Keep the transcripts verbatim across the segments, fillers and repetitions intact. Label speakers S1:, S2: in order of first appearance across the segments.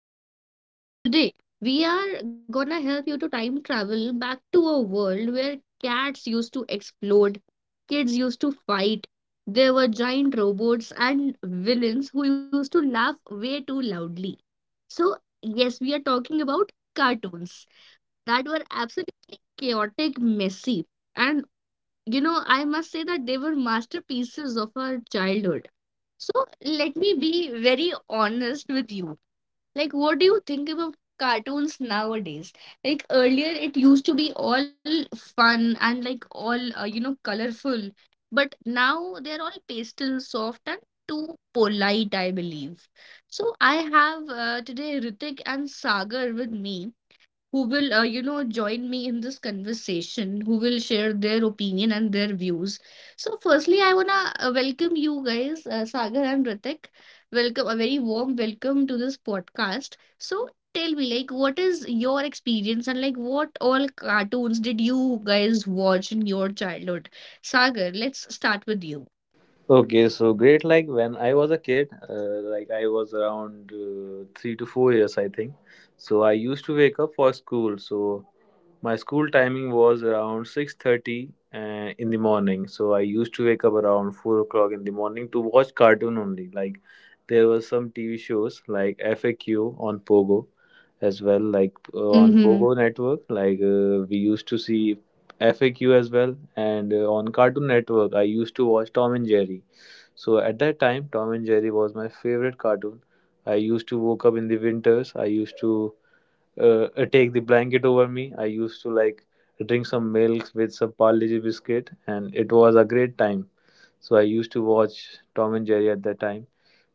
S1: So, today we are gonna help you to time travel back to a world where cats used to explode, kids used to fight, there were giant robots and villains who used to laugh way too loudly. So, yes, we are talking about cartoons that were absolutely chaotic, messy, and you know, I must say that they were masterpieces of our childhood, so let me be very honest with you. Like, what do you think about cartoons nowadays? Like, earlier it used to be all fun and like all, uh, you know, colorful. But now they're all pastel, soft, and too polite, I believe. So I have uh, today Ritik and Sagar with me who will, uh, you know, join me in this conversation, who will share their opinion and their views. So, firstly, I wanna uh, welcome you guys, uh, Sagar and Ritik. Welcome, a very warm welcome to this podcast. So, tell me, like, what is your experience and like, what all cartoons did you guys watch in your childhood? Sagar, let's start with you.
S2: Okay, so great. Like when I was a kid, uh, like I was around uh, three to four years, I think. So I used to wake up for school. So my school timing was around six thirty uh, in the morning. So I used to wake up around four o'clock in the morning to watch cartoon only. Like there was some T V shows like F A Q on Pogo, as well like uh, on Mhm.
S1: Mm-hmm.
S2: Pogo network. Like uh, we used to see F A Q as well, and uh, on Cartoon Network I used to watch Tom and Jerry. So at that time, Tom and Jerry was my favorite cartoon. I used to woke up in the winters. I used to uh, uh, take the blanket over me. I used to like drink some milk with some Parle-G biscuit, and it was a great time. So I used to watch Tom and Jerry at that time.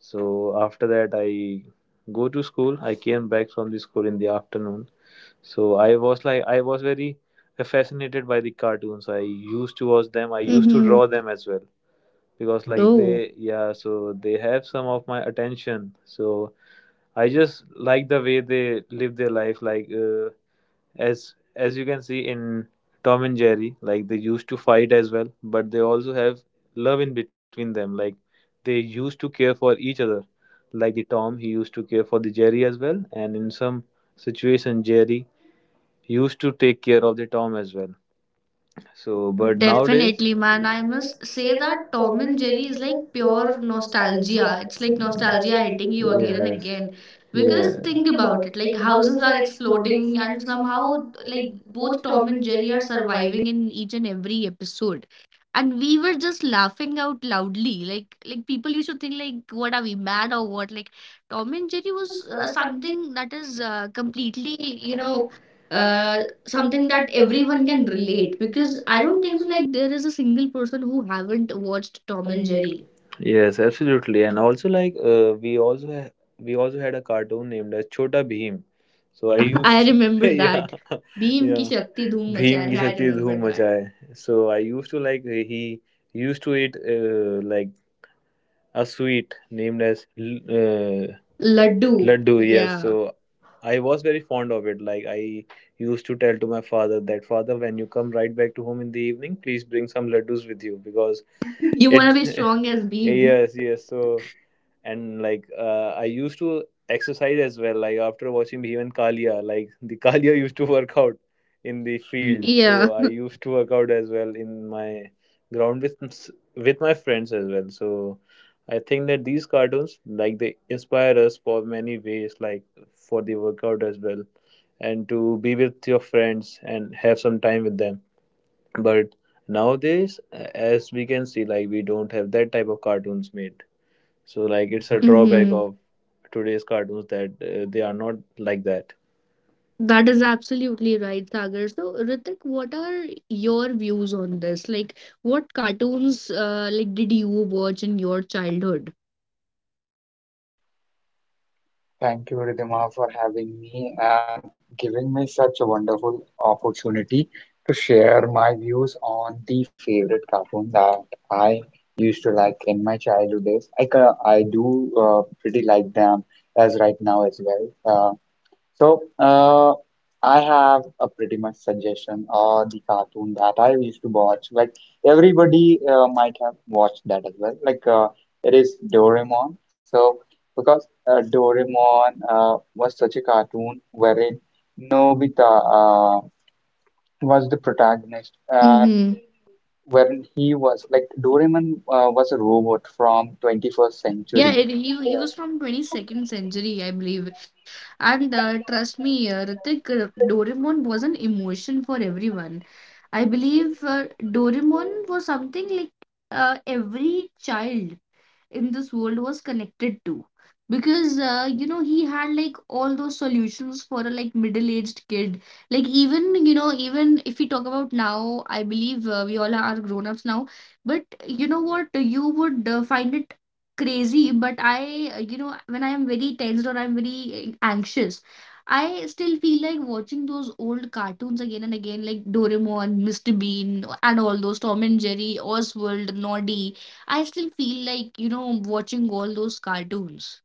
S2: So after that, I go to school. I came back from the school in the afternoon. So I was like, I was very fascinated by the cartoons. I used to watch them. I used to draw
S1: Mm-hmm.
S2: them as well because like Oh,
S1: Oh.
S2: they, yeah, so they have some of my attention. So I just like the way they live their life, like uh, as as you can see in Tom and Jerry, like they used to fight as well, but they also have love in between them. Like they used to care for each other. Like the Tom, he used to care for the Jerry as well, and in some situation Jerry used to take care of the Tom as well. So, but nowadays,
S1: Definitely,
S2: definitely,
S1: man.
S2: man.
S1: I
S2: I
S1: must
S2: must
S1: say
S2: say
S1: that
S2: that
S1: Tom
S2: Tom
S1: and
S2: and
S1: Jerry
S2: Jerry
S1: is
S2: is
S1: like
S2: like
S1: pure
S2: pure
S1: nostalgia.
S2: nostalgia.
S1: It's
S2: It's
S1: like
S2: like
S1: nostalgia
S2: nostalgia
S1: hitting
S2: hitting
S1: you
S2: you again
S1: again and
S2: and yes,
S1: again.
S2: again.
S1: Because
S2: Because yeah,
S1: think
S2: think
S1: about
S2: about
S1: it,
S2: it,
S1: like
S2: like
S1: houses
S2: houses
S1: are
S2: are
S1: exploding,
S2: exploding,
S1: and
S2: and
S1: somehow,
S2: somehow
S1: like
S2: like
S1: both
S2: both
S1: Tom
S2: Tom
S1: and
S2: and
S1: Jerry
S2: Jerry
S1: are
S2: are surviving.
S1: surviving in each and every episode, and we were just laughing out loudly. like like people used to think like, what, are we mad or what? Like Tom and Jerry
S2: It
S1: was
S2: was
S1: uh,
S2: uh, something,
S1: something that is uh, completely, you
S2: you
S1: know
S2: know, uh,
S1: uh, something
S2: something
S1: that
S2: that
S1: everyone
S2: everyone
S1: can
S2: can
S1: relate,
S2: relate.
S1: because
S2: Because
S1: I
S2: I
S1: don't
S2: don't
S1: think
S2: think so. Like
S1: like there is a single person who haven't watched Tom
S2: Tom
S1: and
S2: and Jerry.
S1: Jerry.
S2: Yes, absolutely. And also like uh, we also ha- we also had a cartoon named as Chota Bheem. So I
S1: Right.
S2: used I
S1: I remember
S2: remember yeah
S1: that.
S2: that. Bhim
S1: Beam
S2: yeah
S1: ki
S2: ki
S1: shakti
S2: Shakti
S1: dhoom
S2: Dhoom Bheem
S1: machaye,
S2: Machaye. Ki I
S1: I
S2: Shakti
S1: remember
S2: Dhoom remember
S1: that.
S2: that. Machaye. So I used to like he he used to eat uh, like a sweet named as l- uh, Laddu.
S1: Laddu,
S2: Laddu. Yes. Yeah.
S1: yeah.
S2: So I was very fond of it. Like I used to tell to my father that father, when you come right back to home in the evening, please bring some laddus with you because you
S1: You
S2: it,
S1: want to
S2: wanna
S1: be
S2: be
S1: strong
S2: strong
S1: as
S2: as we.
S1: Beam, yeah.
S2: Yes, yes. So and like uh, I used to exercise as well, like after watching Bhim and Kalia, like the Kalia used to work out in the field, so
S1: Yeah.
S2: yeah, I used to work out as well in my ground with with my friends as well. So I think that these cartoons, like they inspire us for many ways, like for the workout as well, and to be with your friends and have some time with them. But nowadays, uh, as we can see, like we don't have that type of cartoons made. So
S1: I
S2: like it's
S1: guess a
S2: a
S1: drawback.
S2: drawback
S1: Mhm.
S2: of today's cartoons that uh, they are not like that.
S1: That
S2: That
S1: is
S2: is
S1: absolutely right, Sagar. So, Ritik, what are your views on this? Like, what cartoons uh, like did you watch in your childhood?
S3: Thank you, Ridhima, for having me and giving me such a wonderful opportunity to share my views on the favorite cartoon that I used to like in my childhood days. I, ca- I do uh, pretty like them as right now as well. Uh, so, uh, I have a pretty much suggestion or the cartoon that I used to watch. Like everybody uh, might have watched that as well. Like uh, it is Doraemon. So because uh, Doraemon uh, was such a cartoon wherein Nobita uh, was the protagonist, and
S1: Mm-hmm.
S3: wherein he was like Doraemon uh, was a robot from twenty-first
S1: Yeah,
S3: century.
S1: it, he he was from
S3: Yeah.
S1: twenty-second century, I believe. And uh, trust me, uh, Ritik, uh, Doraemon was an emotion for everyone. I believe uh, Doraemon was something like uh, every child in this world was connected to, because uh, you know he had like all those solutions for a like middle-aged kid. Like, even you know, even if we talk about now, I believe uh, we all are grown-ups now, but you know what, you would uh, find it crazy, but I uh, you know when I am very tensed or I'm very uh, anxious, I still feel like watching those old cartoons again and again, like Doraemon, mister Bean, and all those Tom and Jerry, Oswald, Noddy. I still feel like, you know, watching all those cartoons.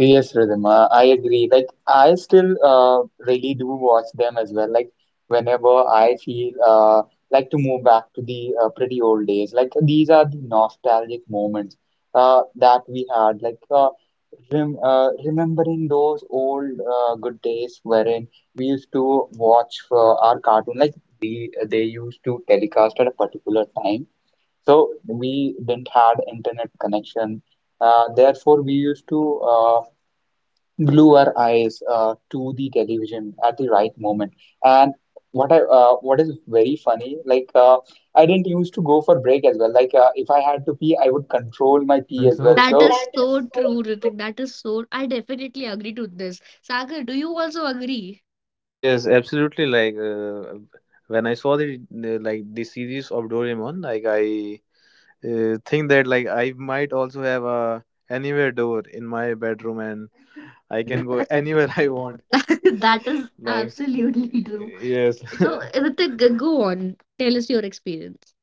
S3: Yes, Rhythm, uh, I agree. Like, I still uh, really do watch them as well. Like, whenever I feel uh, like to move back to the uh, pretty old days, like, these are the nostalgic moments uh, that we had. Like, uh, rem uh, remembering those old uh, good days wherein we used to watch uh, our cartoon, like, we, they used to telecast at a particular time. So, we didn't had internet connection. Uh, therefore, we used to. Uh, glue our eyes uh, to the television at the right moment. And what I uh, what is very funny, like uh, I didn't used to go for break as well. Like uh, if I had to pee, I would control my pee
S1: Well,
S3: as
S1: so
S3: well.
S1: that
S3: So
S1: is so true, Ritik. That is so. I definitely agree to this. Sagar, do you also agree?
S2: yes, absolutely. Like uh, when I saw the, the like the series of Doraemon, like I uh, think that like I might also have a anywhere door in my bedroom and I
S1: I
S2: can go anywhere I
S1: definitely
S2: want.
S1: want.
S2: That
S1: That
S2: is
S1: is
S2: like,
S1: absolutely
S2: absolutely true.
S1: true.
S2: Yes.
S1: So, Ritik, go on. Tell us your experience.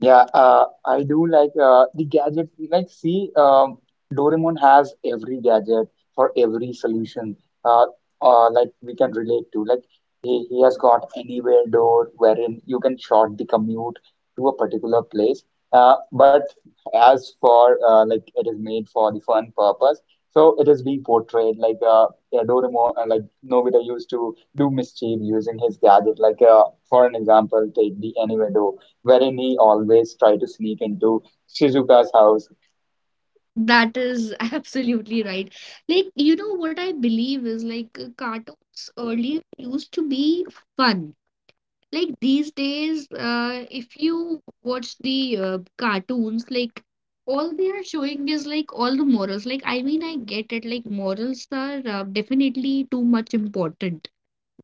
S3: yeah, uh, I do like uh, the gadget. Like, see, um, Doraemon has every gadget for every solution. Uh, uh, like we can relate to. Like he, he has got anywhere door wherein you can short the commute to a particular place. Uh, but as for uh, like it is made for the fun purpose, so it is being portrayed like uh, yeah, Doraemon, uh, like Nobita used to do mischief using his gadget. Like uh, for an example, take the anywhere door wherein he always tried to sneak into Shizuka's house.
S1: That is absolutely right. Like, you know what I believe is like uh, cartoons earlier used to be fun. Like these days, uh, if you watch the uh, cartoons, like all they are showing is like all the morals. Like, I mean, I get it, like morals are uh, definitely too much important.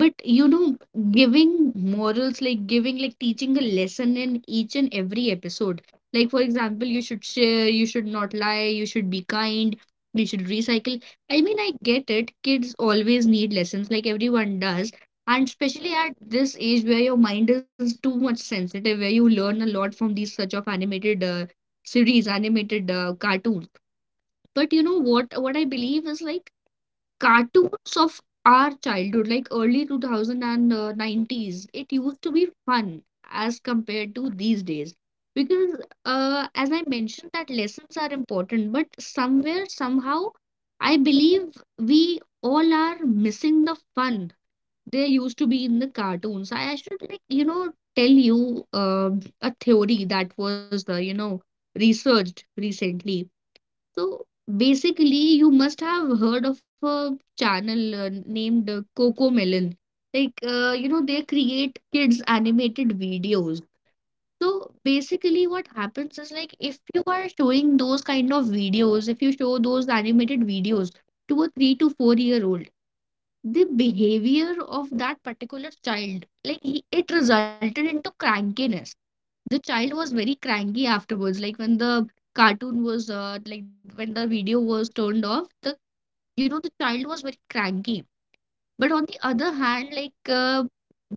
S1: But you know, giving morals, like giving, like teaching a lesson in each and every episode. Like, for example, you should share, you should not lie, you should be kind, you should recycle. I mean, I get it. Kids always need lessons, like everyone does. And especially at this age where your mind is too much sensitive, where you learn a lot from these such of animated uh, series, animated uh, cartoons. But you know what? What I believe is like cartoons of our childhood, like early two thousand and uh, nineties, it used to be fun as compared to these days. Because, uh, as I mentioned, that lessons are important, but somewhere, somehow, I believe we all are missing the fun there used to be in the cartoons. I I should, like, you know, tell you uh, a theory that was, uh, you know, researched recently. So basically, you must have heard of a channel uh, named uh, Coco Melon. Like, uh, you know, they create kids' animated videos. So basically, what happens is like, if you are showing those kind of videos, if you show those animated videos to a three to four year old, the behavior of that particular child, like he, it resulted into crankiness. The child was very cranky afterwards, like when the cartoon was uh, like when the video was turned off, the you know the child was very cranky. But on the other hand, like uh,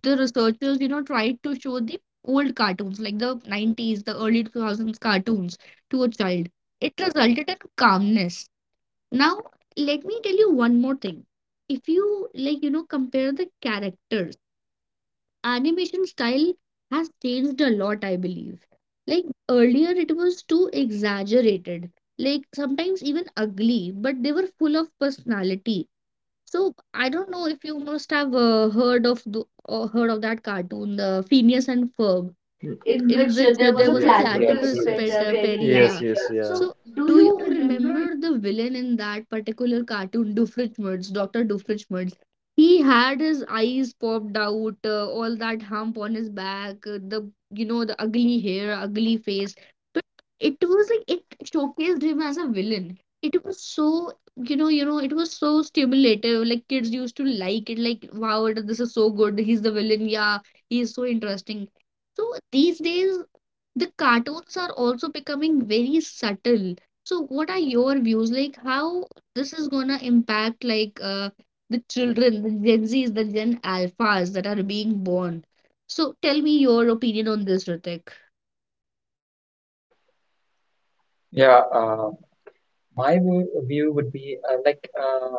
S1: the researchers, you know, tried to show the old cartoons, like the nineties, the early two thousands cartoons to a child, it resulted in calmness. Now, let me tell you one more thing. If you like, you know, compare the characters, animation style has changed a lot, I believe. Like earlier, it was too exaggerated, like sometimes even ugly, but they were full of personality. So I don't know if you must have uh, heard of the or heard of that cartoon, the Phineas and Ferb,
S2: So, Ritik, in
S1: in
S2: which uh,
S1: which uh,
S2: there was
S1: there
S2: a yes,
S1: was a
S3: Yes,
S2: platypus
S3: do
S1: platypus
S2: pet
S1: pet
S2: uh,
S1: uh,
S2: Perry.
S1: Perry.
S2: Yes,
S1: Yeah,
S2: yes, yeah. So,
S1: so,
S2: do
S1: do
S2: you
S1: you
S2: remember.
S1: remember the villain in that particular cartoon, Doofenshmirtz, doctor Doofenshmirtz? He had his eyes popped out, uh, all that hump on his back, uh, the you know the ugly hair, ugly face. But it was like it showcased him as a villain. It was so, you know you know it was so stimulative. Like kids used to like it. Like, wow, it- this is so good. He's the villain. Yeah, he is so interesting. So these days the cartoons are also becoming very subtle. So what are your views? Like how this is gonna impact like uh, the children, the Gen Zs, the Gen Alphas that are being born. So tell me your opinion on this, Ritik.
S3: yeah, uh, my w- view would be uh, like uh,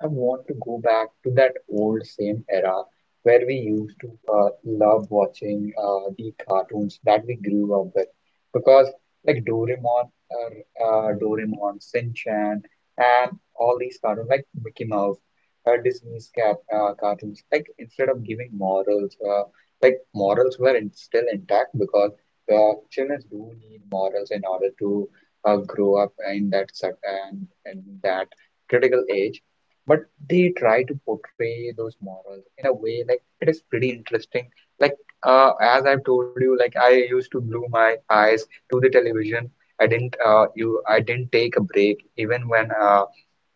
S3: I want to go back to that old same era where we used to uh, love watching uh, the cartoons that we grew up with because like Doraemon, uh, uh, Doraemon, Shin Chan, and all these cartoons like Mickey Mouse, uh, Disney's cat uh, cartoons. Like instead of giving morals, uh, like morals were in, still intact because uh, children do need morals in order to uh, grow up in that sec- and in that critical age, but they try to portray those morals in a way like it is pretty interesting. like uh, as I've told you, like, I used to glue my eyes to the television. I didn't uh, you I didn't take a break even when uh,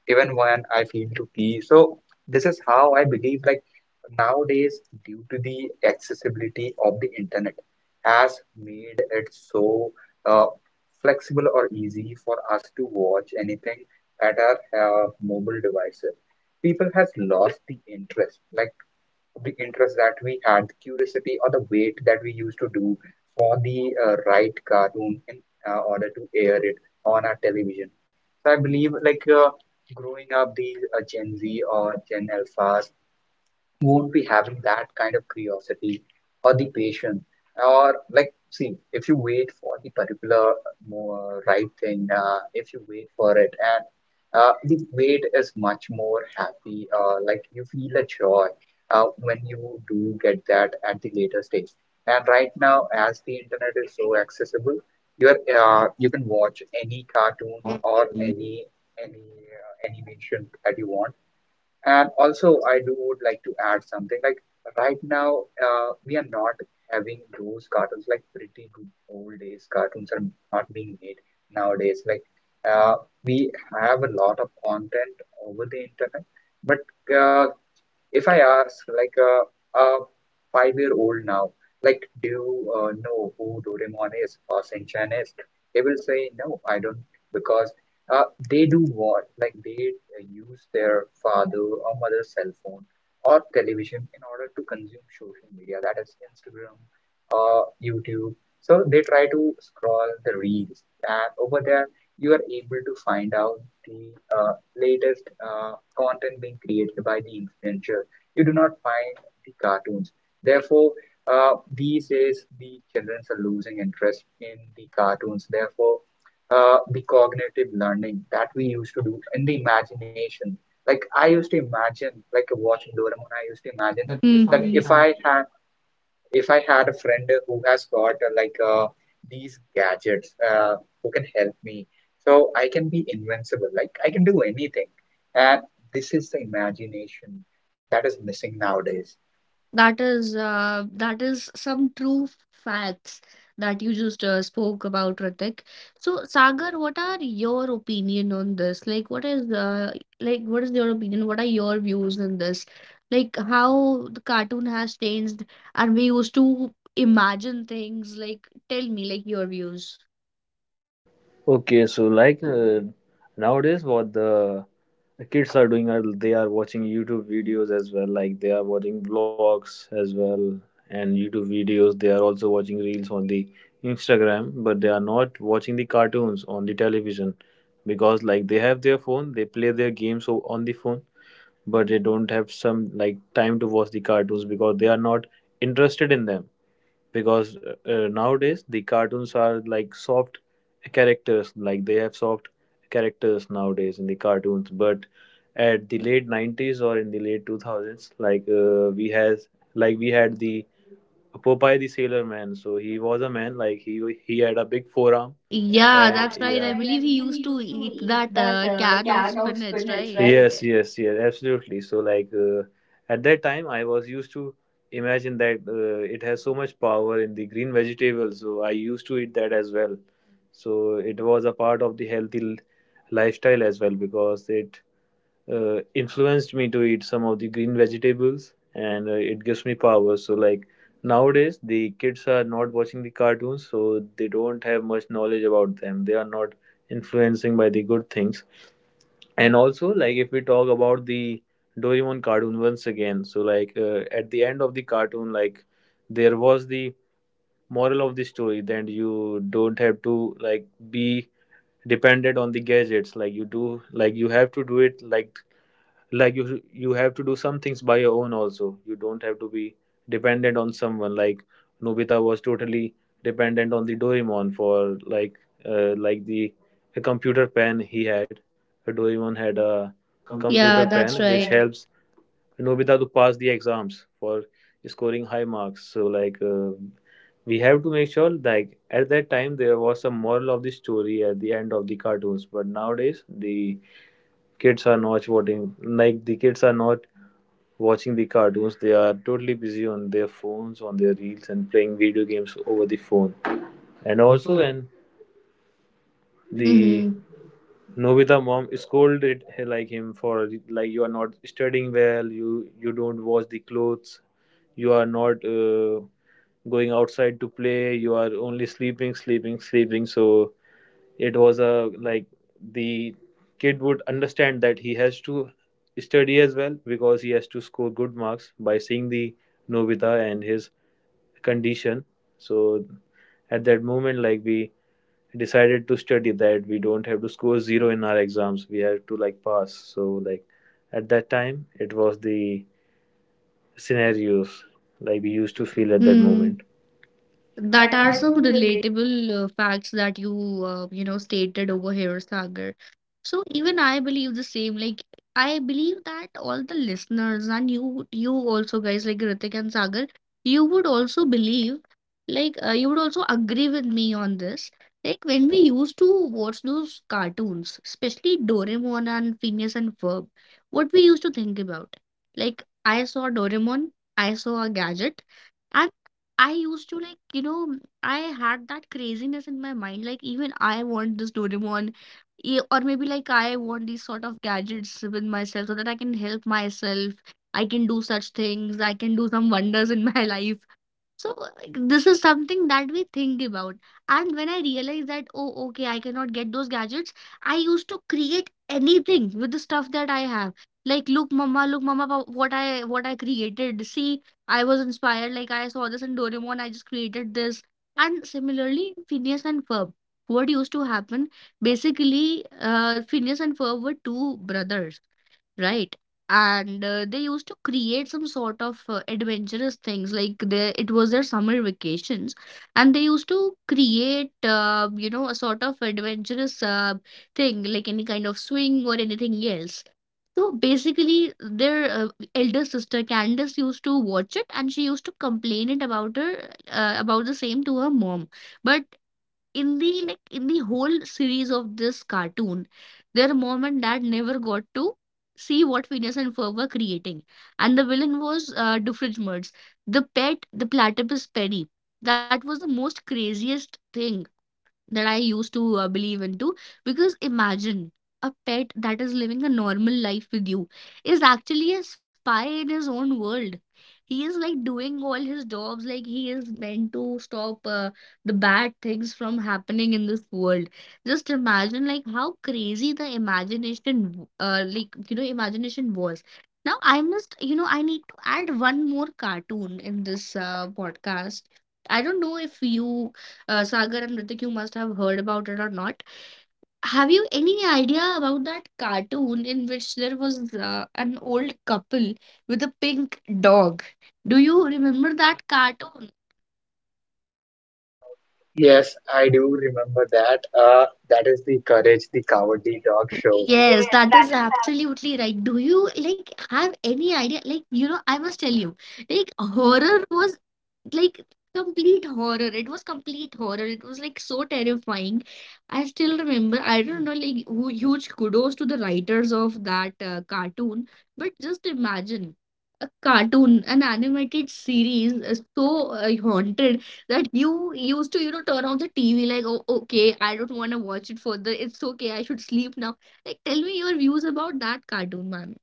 S3: even when I feel to pee. So this is how I believe like nowadays due to the accessibility of the internet has made it so uh, flexible or easy for us to watch anything at our uh, mobile devices. People has lost the interest like the interest that we had, the curiosity or the wait that we used to do for the uh, right cartoon in uh, order to air it on our television. So I believe like uh, growing up, these uh, Gen Z or Gen Alphas won't be having that kind of curiosity or the patience, or like see, if you wait for the particular more right thing, uh, if you wait for it, and uh, the wait is much more happy, uh, like you feel a joy uh, when you do get that at the later stage. And right now, as the internet is so accessible, you are uh, you can watch any cartoon
S1: Or
S3: or
S1: the.
S3: any any uh, animation that you want. And also, I do would like to add something. Like right now, uh, we are not having those cartoons. Like pretty good old days cartoons are not being made nowadays. Like uh, we have a lot of content over the internet, but uh, if I ask like a, a five year old now, like, do you uh, know who Doraemon is or Shinchan is? They will say, no, I don't, because uh, they do what? Like, they uh, use their father or mother's cell phone or television in order to consume social media, that is Instagram, uh, YouTube. So they try to scroll the reels, and over there, you are able to find out the uh, latest uh, content being created by the influencer. You do not find the cartoons. Therefore, uh, these days the children are losing interest in the cartoons. Therefore, uh, the cognitive learning that we used to do in the imagination. Like I used to imagine, like watching Doraemon, I used to imagine that
S1: Mm-hmm.
S3: if I had if I had a friend who has got uh, like uh, these gadgets uh, who can help me, so I can be invincible. Like I can do anything, and this is the imagination that is missing nowadays.
S1: That is uh, that is some true facts that you just uh, spoke about, Ritik. So, Sagar, what are your opinion on this? Like, what is uh, like what is your opinion? What are your views on this? Like, how the cartoon has changed, and we used to imagine things. Like, tell me, like your views.
S2: Okay, so like uh, nowadays, what the kids are doing are they are watching YouTube videos as well. Like they are watching vlogs as well and YouTube videos. They are also watching reels on the Instagram, but they are not watching the cartoons on the television because like they have their phone, they play their games o- on the phone, but they don't have some like time to watch the cartoons because they are not interested in them. Because uh, uh, nowadays the cartoons are like soft characters. Like they have soft characters nowadays in the cartoons, but at the late nineties or in the late two thousands, like uh, we has like we had the Popeye the Sailor Man. So he was a man, like he he had a big forearm. And,
S1: Yeah,
S2: yeah,
S1: that's
S2: that's
S1: right.
S2: yeah,
S1: I
S2: right.
S1: believe
S2: I
S1: he
S2: believe
S1: used
S2: he
S1: to
S2: used to
S1: eat
S2: eat
S1: that
S2: that
S1: uh,
S2: uh,
S1: can of
S2: can of
S1: spinach,
S2: spinach, right?
S1: right?
S2: Yes, yes, yes, absolutely. So like uh, at that time, I was used to imagine that uh, it has so much power in the green vegetables. So I used to eat that as well. So it was a part of the healthy l- lifestyle as well, because it uh, influenced me to eat some of the green vegetables, and uh, it gives me power. So like nowadays the kids are not watching the cartoons, so they don't have much knowledge about them. They are not influencing by the good things. And also, like if we talk about the Doraemon cartoon once again, so like uh, at the end of the cartoon, like there was the moral of the story, that you don't have to like be dependent on the gadgets. Like you do, like you have to do it, like like you you have to do some things by your own. Also you don't have to be dependent on someone. Like Nobita was totally dependent on the Doraemon for like uh, like the a computer pen he had. Uh, Doraemon had a computer yeah,
S1: Yeah,
S2: pen,
S1: that's
S2: that's which right,
S1: right.
S2: helps Nobita to pass the exams for scoring high marks. So like uh, we have to make sure like at that time there was some moral of the story at the end of the cartoons. But nowadays the kids are not watching, like the kids are not watching the cartoons. They are totally busy on their phones, on their reels, and playing video games over the phone. And
S1: And
S2: also,
S1: also,
S2: when the Nobita mom scolded h- like him for like you are not studying well, you you don't wash the clothes, you are not uh, going outside to play, you are only sleeping, sleeping, sleeping. So it was a like the kid would understand that he has to study as well because he has to score good marks by seeing the Nobita and his condition. So at that moment, like we decided to study, that we don't have to score zero in our exams, we have to like pass. So like at that time it was the scenarios like we
S1: used
S2: used
S1: to
S2: to
S1: see
S2: feel
S1: them.
S2: at that hmm
S1: Hmm.
S2: moment
S1: That
S2: that
S1: are
S2: are
S1: some
S2: so relatable.
S1: relatable uh, facts that you uh, you know stated over here, Sagar. So even I believe the same. Like I believe that all the listeners and you, you also guys like Ritik and Sagar, you would also believe, like uh, you would also agree with me on this. Like when we used to watch those cartoons, especially Doraemon and Phineas and Ferb, what we used to think about. Like I saw Doraemon, I saw a gadget, and I used to like, you know, I had that craziness in my mind. Like even I want this Doraemon. Yeah, or maybe like I want these sort of gadgets with myself so that I can help myself. I can do such things. I can do some wonders in my life. So like, this is something that we think about. And when I realized that, oh, okay, I cannot get those gadgets, I used to create anything with the stuff that I have. Like, look, mama, look, mama, wa- what I what I created. See, I was inspired. Like I saw this in Doraemon, I just created this. And similarly, Phineas and Ferb. What used to happen? Basically, uh, Phineas and Ferb were two brothers, right? And uh, they used to create some sort of uh, adventurous things, like they, it was their summer vacations, and they used to create, uh, you know a sort of adventurous uh, thing, like any kind of swing or anything else. So basically their uh, elder sister Candace used to watch it, and she used to complain it about her uh, about the same to her mom. But in the like in the whole series of this cartoon, their mom and dad never got to see what Phineas and Ferb were creating. And the villain was uh, Doofenshmirtz, the pet, the platypus Penny. That was the most craziest thing that I used to uh, believe into. Because imagine a pet that is living a normal life with you is actually a spy in his own world. He is like doing all his jobs, like he is meant to stop uh, the bad things from happening in this world. Just imagine, like, how crazy the imagination, w- uh, like, you know, imagination was. Now, I must, you know, I need to add one more cartoon in this uh, podcast. I don't know if you uh, Sagar and Ritik, you must have heard about it or not. Have you any idea about that cartoon in which there was uh, an old couple with a pink dog? Do you remember that cartoon?
S3: Yes, I do remember that. Uh, that is the Courage the Cowardly Dog show.
S1: Yes, that is absolutely right. Do you like have any idea? Like, you know, I must tell you, like horror was like complete horror. It was complete horror. It was like so terrifying. I still remember. I don't know, like hu- huge kudos to the writers of that uh, cartoon. But just imagine a cartoon, an animated series, is so uh, haunted that you used to, you know, turn off the T V. Like, oh, okay, I don't want to watch it further. It's okay. I should sleep now. Like, tell me your views about that cartoon.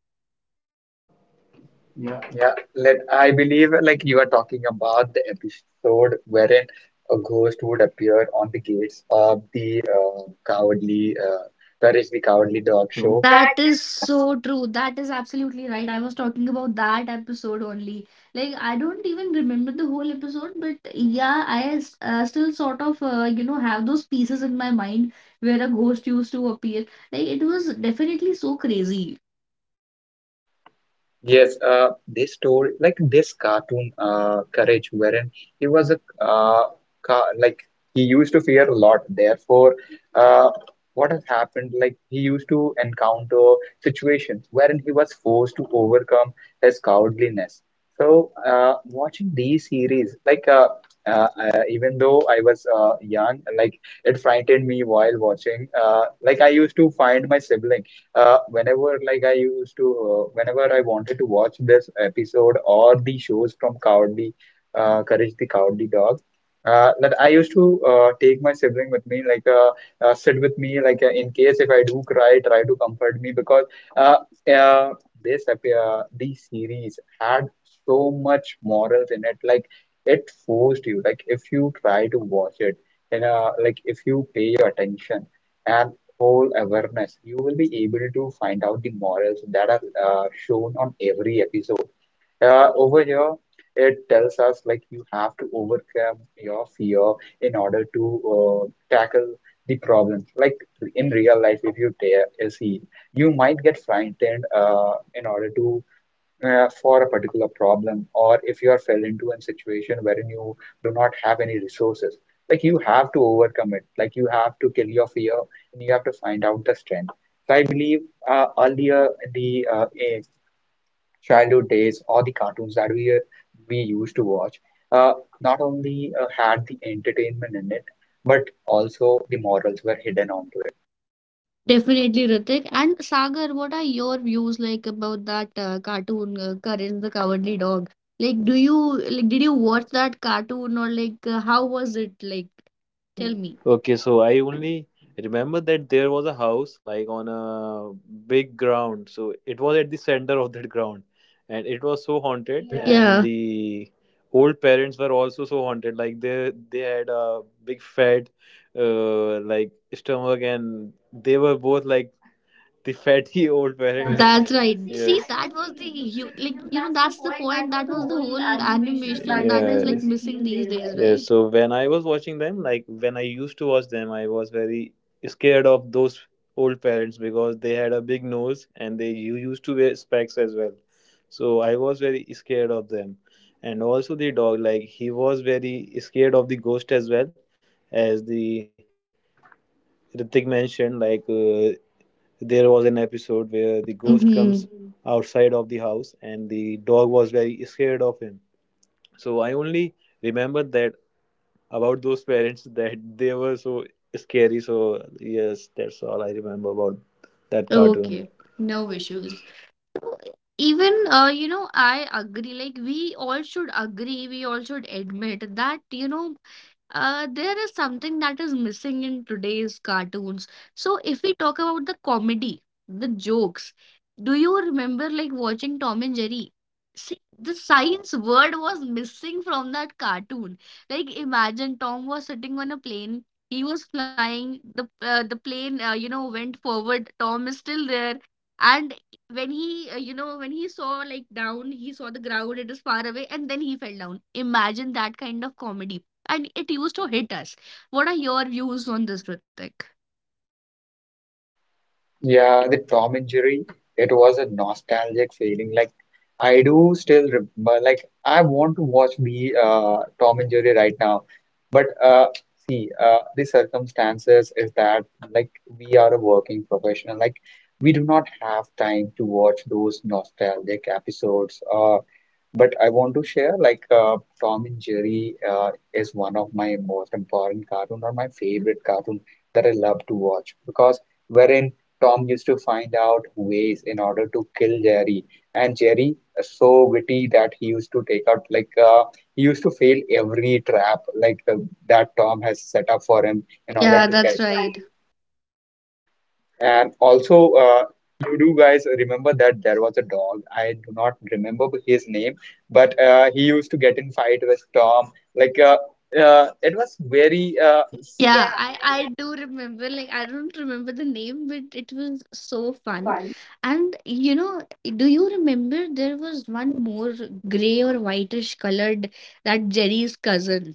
S3: Yeah, let I believe like you are talking about the episode wherein a ghost would appear on the gates of the uh, cowardly uh, Courage the Cowardly Dog
S1: So,
S3: show.
S1: that is so true. That is absolutely right. I was talking about that episode only. Like, I don't even remember the whole episode, but yeah, I s- uh, still sort of, uh, you know, have those pieces in my mind where a ghost used to appear. Like, it was definitely so crazy.
S3: Yes, uh, this story, like this cartoon, uh, Courage, wherein he was a uh, ca like he used to fear a lot. Therefore, uh, what has happened? Like he used to encounter situations wherein he was forced to overcome his cowardliness. So, uh, watching these series, like uh, uh, uh, even though I was uh, young, like it frightened me while watching. Uh, like I used to find my sibling uh, whenever like I used to, uh, whenever I wanted to watch this episode or the shows from Cowardly, uh, Courage the Cowardly Dog, uh, that I used to uh, take my sibling with me, like uh, uh, sit with me, like uh, in case if I do cry, try to comfort me. Because uh, uh, this epi- uh, these series had so much morals in it, like it forced you, like if you try to watch it, and uh, like if you pay your attention and whole awareness, you will be able to find out the morals that are uh, shown on every episode. Uh, over here, it tells us like you have to overcome your fear in order to uh, tackle the problems. Like in real life, if you ta- see, you might get frightened uh, in order to uh, for a particular problem, or if you are fell into a situation wherein you do not have any resources, like you have to overcome it, like you have to kill your fear, and you have to find out the strength. So I believe uh, earlier in the uh, eh, childhood days or the cartoons that we uh, we used to watch uh, not only uh, had the entertainment in it, but also the morals were hidden onto it.
S1: Definitely, Ritik. And Sagar, what are your views like about that uh, cartoon, uh, Courage the Cowardly Dog? Like, do you like did you watch that cartoon or like uh, how was it like?
S2: Tell
S1: Tell
S2: me.
S1: me.
S2: Okay, so I only remember that there was a house like on a big ground. So it was at the center of that ground, and it was so haunted. Yeah. And
S1: Yeah.
S2: the old parents were also so haunted. Like they they had a big fat, uh, like stomach, and they were both like the fatty old
S1: Goldberry.
S2: parents. That's right.
S1: That's right.
S2: See, yes,
S1: See,
S2: that was
S1: that
S2: the
S1: was the
S2: you,
S1: you
S2: like, you
S1: like
S2: know
S1: you know
S2: that's the
S1: that's the
S2: point. That
S1: point.
S2: was
S1: That
S2: the
S1: was the
S2: whole
S1: whole
S2: animation that was like
S1: animation that is
S2: yeah
S1: like
S2: missing
S1: missing
S2: these
S1: these
S2: days, right?
S1: days,
S2: Yeah,
S1: right?
S2: so when I was watching them, like when I used to watch them, I was very scared of those old parents because they had a big nose and they u- used to wear specs as well. So I was very scared of them. And also the dog, like he was very scared of the ghost as well, as the Ritik mentioned, like uh, there was an episode where the
S1: Yeah.
S2: ghost comes
S1: Mm-hmm.
S2: mhm outside of the house and the dog was very scared of him. So I only remember that about those parents that they were so scary. So yes, that's all I remember about that cartoon.
S1: Okay.
S2: Okay. No
S1: No issues.
S2: issues.
S1: Even uh, you know, I agree. Like we all should agree, we all should admit that you know, uh, there is something that is missing in today's cartoons. So if we talk about the comedy, the jokes, do you remember like watching Tom and Jerry? See, the science word was missing from that cartoon. Like imagine Tom was sitting on a plane. He was flying. The uh, the plane, uh, you know, went forward. Tom is still there, and when he uh, you know, when he saw like down, he saw the ground, it was far away and then he fell down. Imagine that kind of comedy and it used to hit us. What are your views on this, Ritik?
S3: Yeah, the Tom and Jerry, it was a nostalgic feeling. Like I do still remember, like I want to watch me uh, Tom and Jerry right now. But uh, see, uh, the circumstances is that like we are a working professional, like we do not have time to watch those nostalgic episodes. Uh, but I want to share like uh, Tom and Jerry uh, is one of my most important cartoon or my favorite cartoon that I love to watch because wherein Tom used to find out ways in order to kill Jerry, and Jerry is so witty that he used to take out like uh, he used to fail every trap like the, that Tom has set up for him in order yeah,
S1: Yeah,
S3: to
S1: that's
S3: catch. That's
S1: right.
S3: right. And also, uh, you do guys remember that there was a dog. I do not remember his name, but uh, he used to get in fight with Tom. Like uh, uh, it was very uh,
S1: Yeah, I I do remember. Like, I don't remember the name but it was so
S2: So
S1: fun.
S2: fun.
S1: And you know, do you remember there was one more gray or whitish colored, that Jerry's cousin,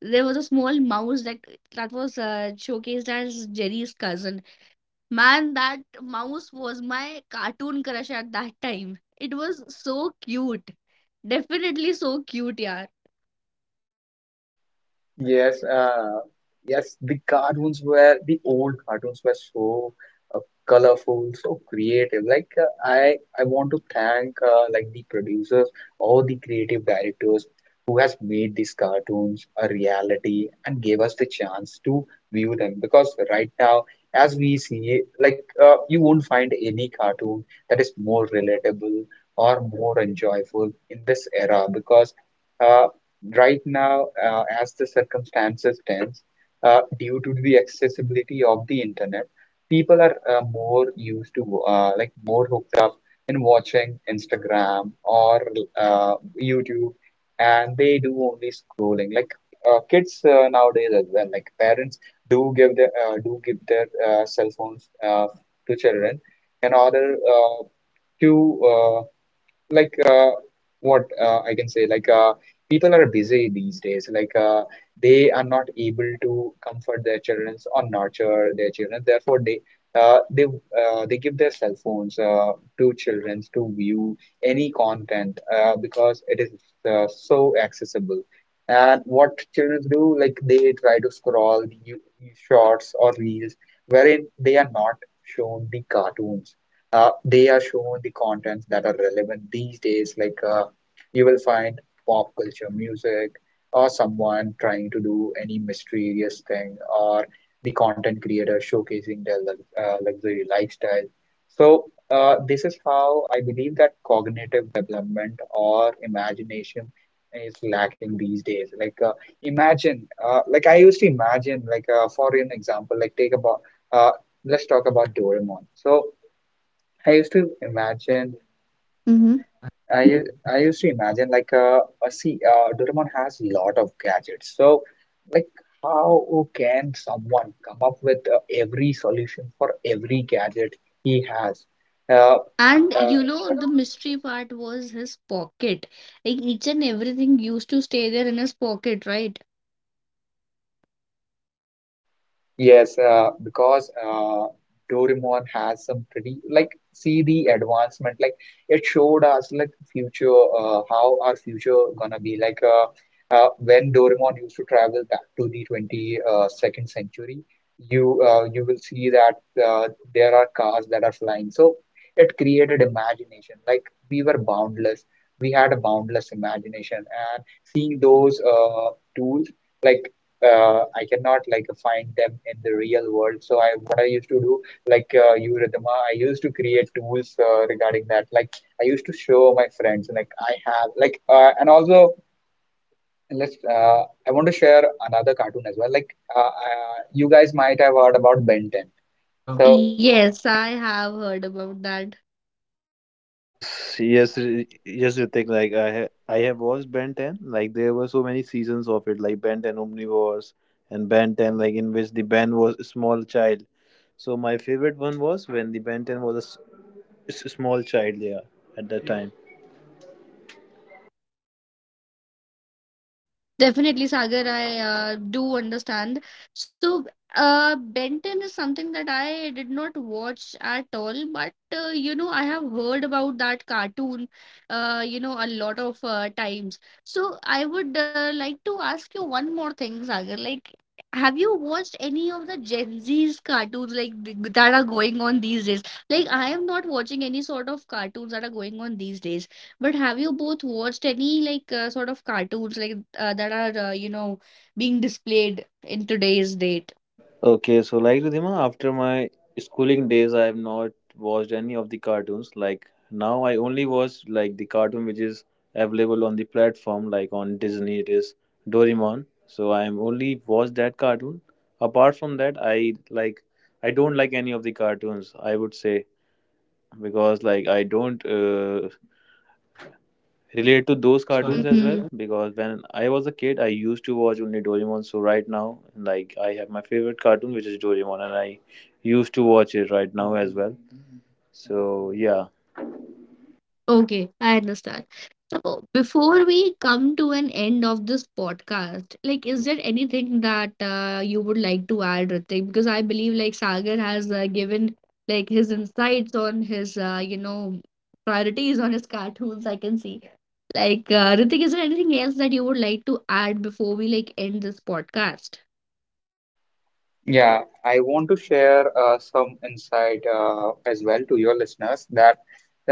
S1: there was a small mouse that that was uh, showcased as Jerry's cousin. Man, that mouse was my cartoon crush at that time. It was so cute. Definitely so cute, yeah.
S3: yes, uh, yes, the cartoons were the old cartoons were so uh, colorful, so creative. Like uh, I, I want to thank uh, like the producers, all the creative directors who has made these cartoons a reality and gave us the chance to view them. Because right now, as we see, like uh, you won't find any cartoon that is more relatable or more enjoyable in this era because. Uh, right now, uh, as the circumstances tense, uh, due to the accessibility of the internet, people are uh, more used to uh, like more hooked up in watching Instagram or uh, YouTube, and they do only scrolling. Like uh, kids uh, nowadays as well. Like parents do give their uh, do give their uh, cell phones uh, to children in order uh, to uh, like uh, what uh, I can say, like uh, people are busy these days. Like uh, they are not able to comfort their children or nurture their children. Therefore, they uh, they uh, they give their cell phones uh, to children to view any content uh, because it is uh, so accessible. And what children do, like they try to scroll the new- new shorts or reels wherein they are not shown the cartoons. Uh, they are shown the contents that are relevant these days. Like uh, you will find pop culture music, or someone trying to do any mysterious thing, or the content creator showcasing their lux- uh, luxury lifestyle. So uh, this is how I believe that cognitive development or imagination is lacking these days. Like uh, imagine uh, like I used to imagine. Like uh, for an example, like take about, uh, let's talk about Doraemon. So I used to imagine,
S1: Mm-hmm.
S3: I u- I used to imagine, like uh, uh see, uh, Doraemon has a lot of gadgets. So like, how can someone come up with uh, every solution for every gadget he has? Uh,
S1: And
S3: uh,
S1: you know, the mystery part was his pocket. Like each and everything used to stay there in his pocket, right?
S3: Yes, uh, because uh, Doraemon has some pretty, like, see the advancement. Like it showed us like future, uh, how our future gonna be. Like uh, uh, when Doraemon used to travel back to the twenty uh, second century, you uh, you will see that uh, there are cars that are flying. So it created imagination. Like, we were boundless, we had a boundless imagination, and seeing those uh, tools, like, uh, I cannot, like, find them in the real world. So I, what I used to do, like, uh, you, Ridhima, I used to create tools uh, regarding that. Like, I used to show my friends, like I have, like, uh, and also, let's uh, I want to share another cartoon as well. Like, uh, uh, you guys might have heard about Ben ten. So
S1: So yes, I have heard about that.
S2: Yes, yes, r- yes, Ritik. Like I, ha- I have watched Ben Ten. Like there were so many seasons of it, like Ben Ten Omnivores and Ben Ten, like in which the Ben was a small child. So my favorite one was when the Ben Ten was a s- s- small child. Yeah, at that time.
S1: Definitely, Sagar, I uh, do understand. So, uh, Ben ten is something that I did not watch at all, but uh, you know, I have heard about that cartoon, uh, you know, a lot of uh, times. So, I would uh, like to ask you one more thing, Sagar. Like, have you watched any of the Gen Z's cartoons like th- that are going on these days? Like, I am not watching any sort of cartoons that are going on these days. But have you both watched any like uh, sort of cartoons like uh, that are uh, you know being displayed in today's date?
S2: Okay, so like Ridhima, after my schooling days, I have not watched any of the cartoons. Like now, I only watch like the cartoon which is available on the platform, like on Disney. It is Doraemon. So I am only watch that cartoon. Apart from that, I like I don't like any of the cartoons, I would say, because like I don't uh, relate to those
S1: Those
S2: cartoons
S1: cartoons.
S2: as well,
S1: Mhm.
S2: because when I was a kid, I used to watch only Doraemon. So right now, like I have my favorite cartoon, which is Doraemon, and I used to watch it right now as well. So yeah.
S1: Okay, I understand. So, before we come to an end of this podcast, like, is there anything that uh, you would like to add, Ritik? Because I believe like Sagar has uh, given like his insights on his uh, you know priorities on his cartoons. I can see. Like, uh, Ritik, is there anything else that you would like to add before we like end this podcast?
S3: yeah, I want to share uh, some insight uh, as well to your listeners that,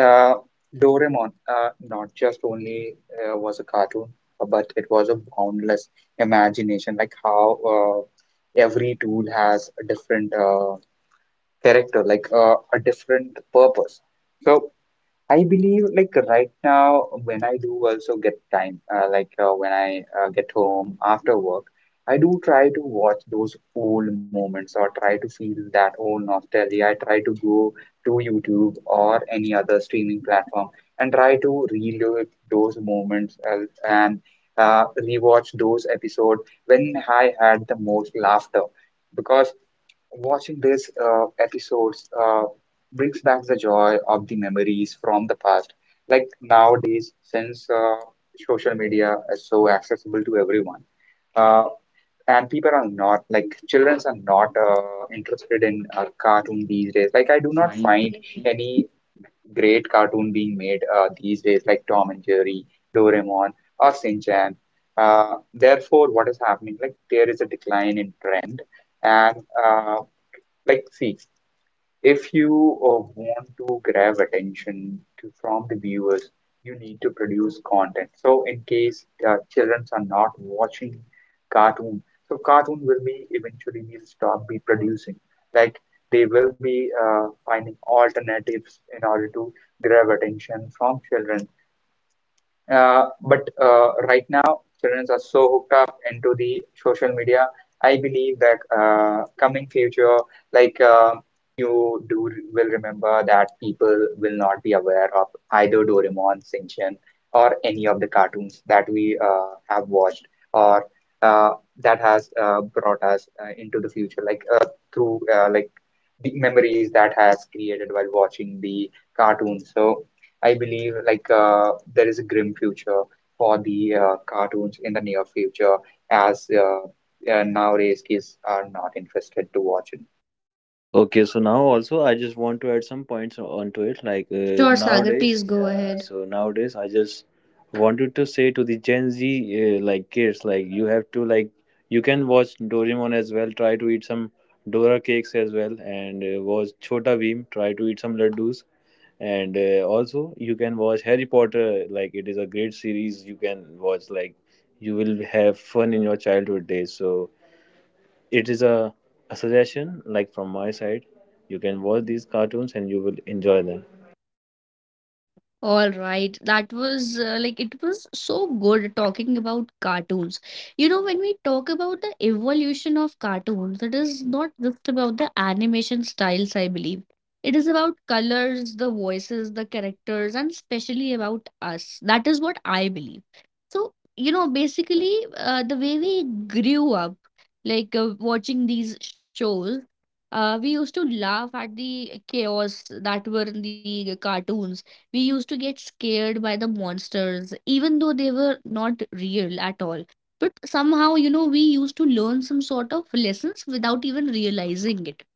S3: Uh, Doraemon, uh, not just only uh, was a cartoon, uh, but it was a boundless imagination. Like how uh, every tool has a different uh, character, like uh, a different purpose. So I believe, like, right now when I do also get time, uh, like uh, when I uh, get home after work, I do try to watch those old moments or try to feel that old nostalgia. I try to go to YouTube or any other streaming platform and try to relive those moments, uh, and uh, rewatch those episodes when I had the most laughter, because watching these uh, episodes uh, brings back the joy of the memories from the past. Like nowadays, since uh, social media is so accessible to everyone, uh, and people are not, like, children are not uh, interested in uh, cartoon these days. Like, I
S1: Not
S3: do not
S1: fine.
S3: find any great cartoon being made uh, these days, like Tom and Jerry, Doraemon, or Shin Chan. Uh, therefore, what is happening? Like, there is a decline in trend. And uh, like, see, if you uh, want to grab attention to, from the viewers, you need to produce content. So, in case uh, children are not watching cartoon, so cartoon will be eventually will stop be producing. Like, they will be uh, finding alternatives in order to grab attention from children. Uh, but uh, right now, children are so hooked up into the social media. I believe that uh, coming future, like uh, you do re- will remember that people will not be aware of either Doraemon, Shinchan, or any of the cartoons that we uh, have watched, or uh, that has uh, brought us uh, into the future, like, uh, through uh, like the memories that has created while watching the cartoons. So, I believe like, uh, there is a grim future for the uh, cartoons in the near future, as, uh, uh, nowadays kids are not interested to watch it
S2: Okay, so now also I just want to add some points onto it.
S1: Like,
S2: Like uh,
S1: uh,
S2: sure,
S1: sure,
S2: sure,
S1: Sagar,
S2: nowadays,
S1: please
S2: please go
S1: go
S2: yeah ahead.
S1: ahead.
S2: So nowadays, I just wanted to say to the Gen Z uh, like kids, like you have to like you can watch Doraemon as well. Try to eat some Dora cakes as well, and uh, watch Chota Beam. Try to eat some laddus, and uh, also you can watch Harry Potter. Like it is a great series, you can watch, like you will have fun in your childhood days. So it is a, a suggestion like from my side. You can watch these cartoons and you will enjoy them.
S1: All right, that was uh, like it was so good talking about cartoons. You know, when we talk about the evolution of cartoons, it is not just about the animation styles, I believe. It is about colors, the voices, the characters, and especially about us. That is what I believe. So, you know, basically, uh, the way we grew up, like uh, watching these shows, uh, we used to laugh at the chaos that were in the cartoons. We used to get scared by the monsters, even though they were not real at all. But somehow, you know, we used to learn some sort of lessons without even realizing it.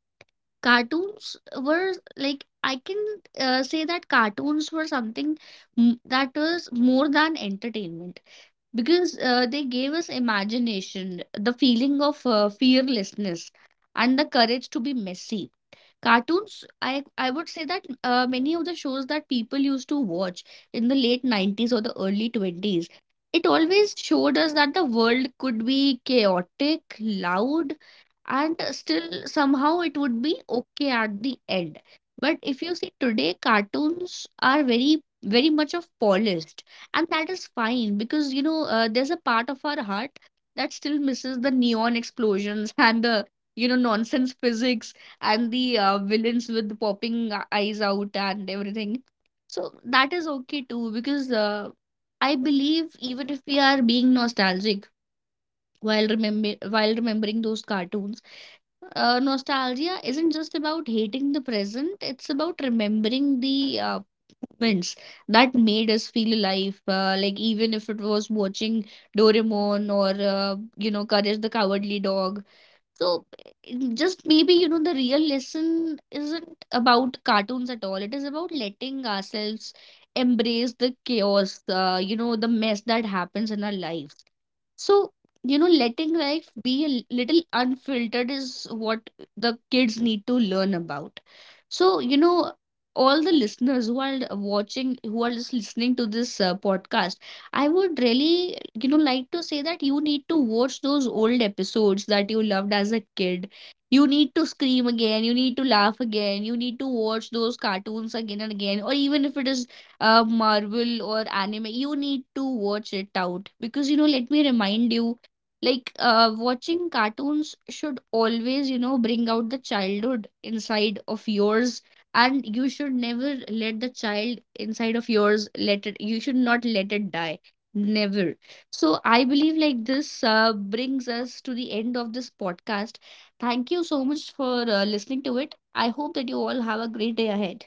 S1: Cartoons were like, I can uh, say that cartoons were something m- that was more than entertainment, because uh, they gave us imagination, the feeling of uh, fearlessness, and the courage to be messy. Cartoons, I I would say that uh, many of the shows that people used to watch in the late nineties or the early twenties, it always showed us that the world could be chaotic, loud, and still somehow it would be okay at the end. But if you see today, cartoons are very, very much of polished, and that is fine, because you know uh, there's a part of our heart that still misses the neon explosions and the you know nonsense physics and the uh, villains with the popping uh, eyes out and everything. So that is okay too, because uh, I believe, even if we are being nostalgic while remember while remembering those cartoons, uh, nostalgia isn't just about hating the present, it's about remembering the uh, moments that made us feel alive. Uh, like, even if it was watching Doraemon or, uh, you know, Courage the Cowardly Dog. So, it- just maybe, you know, the real lesson isn't about cartoons at all. It is about letting ourselves embrace the chaos, uh, you know, the mess that happens in our lives. So, you know, letting life be a l- little unfiltered is what the kids need to learn about. So, you know, all the listeners who are watching, who are just listening to this uh, podcast, I would really, you know, like to say that you need to watch those old episodes that you loved as a kid. You need to scream again, you need to laugh again, you need to watch those cartoons again and again, or even if it is uh, Marvel or anime, you need to watch it out because you know. Let me remind you, like uh, watching cartoons should always, you know, bring out the childhood inside of yours, and you should never let the child inside of yours let it. You should not let it die. Never. So I believe like this uh, brings us to the end of this podcast. Thank you so much for uh, listening to it. I hope that you all have a great day ahead.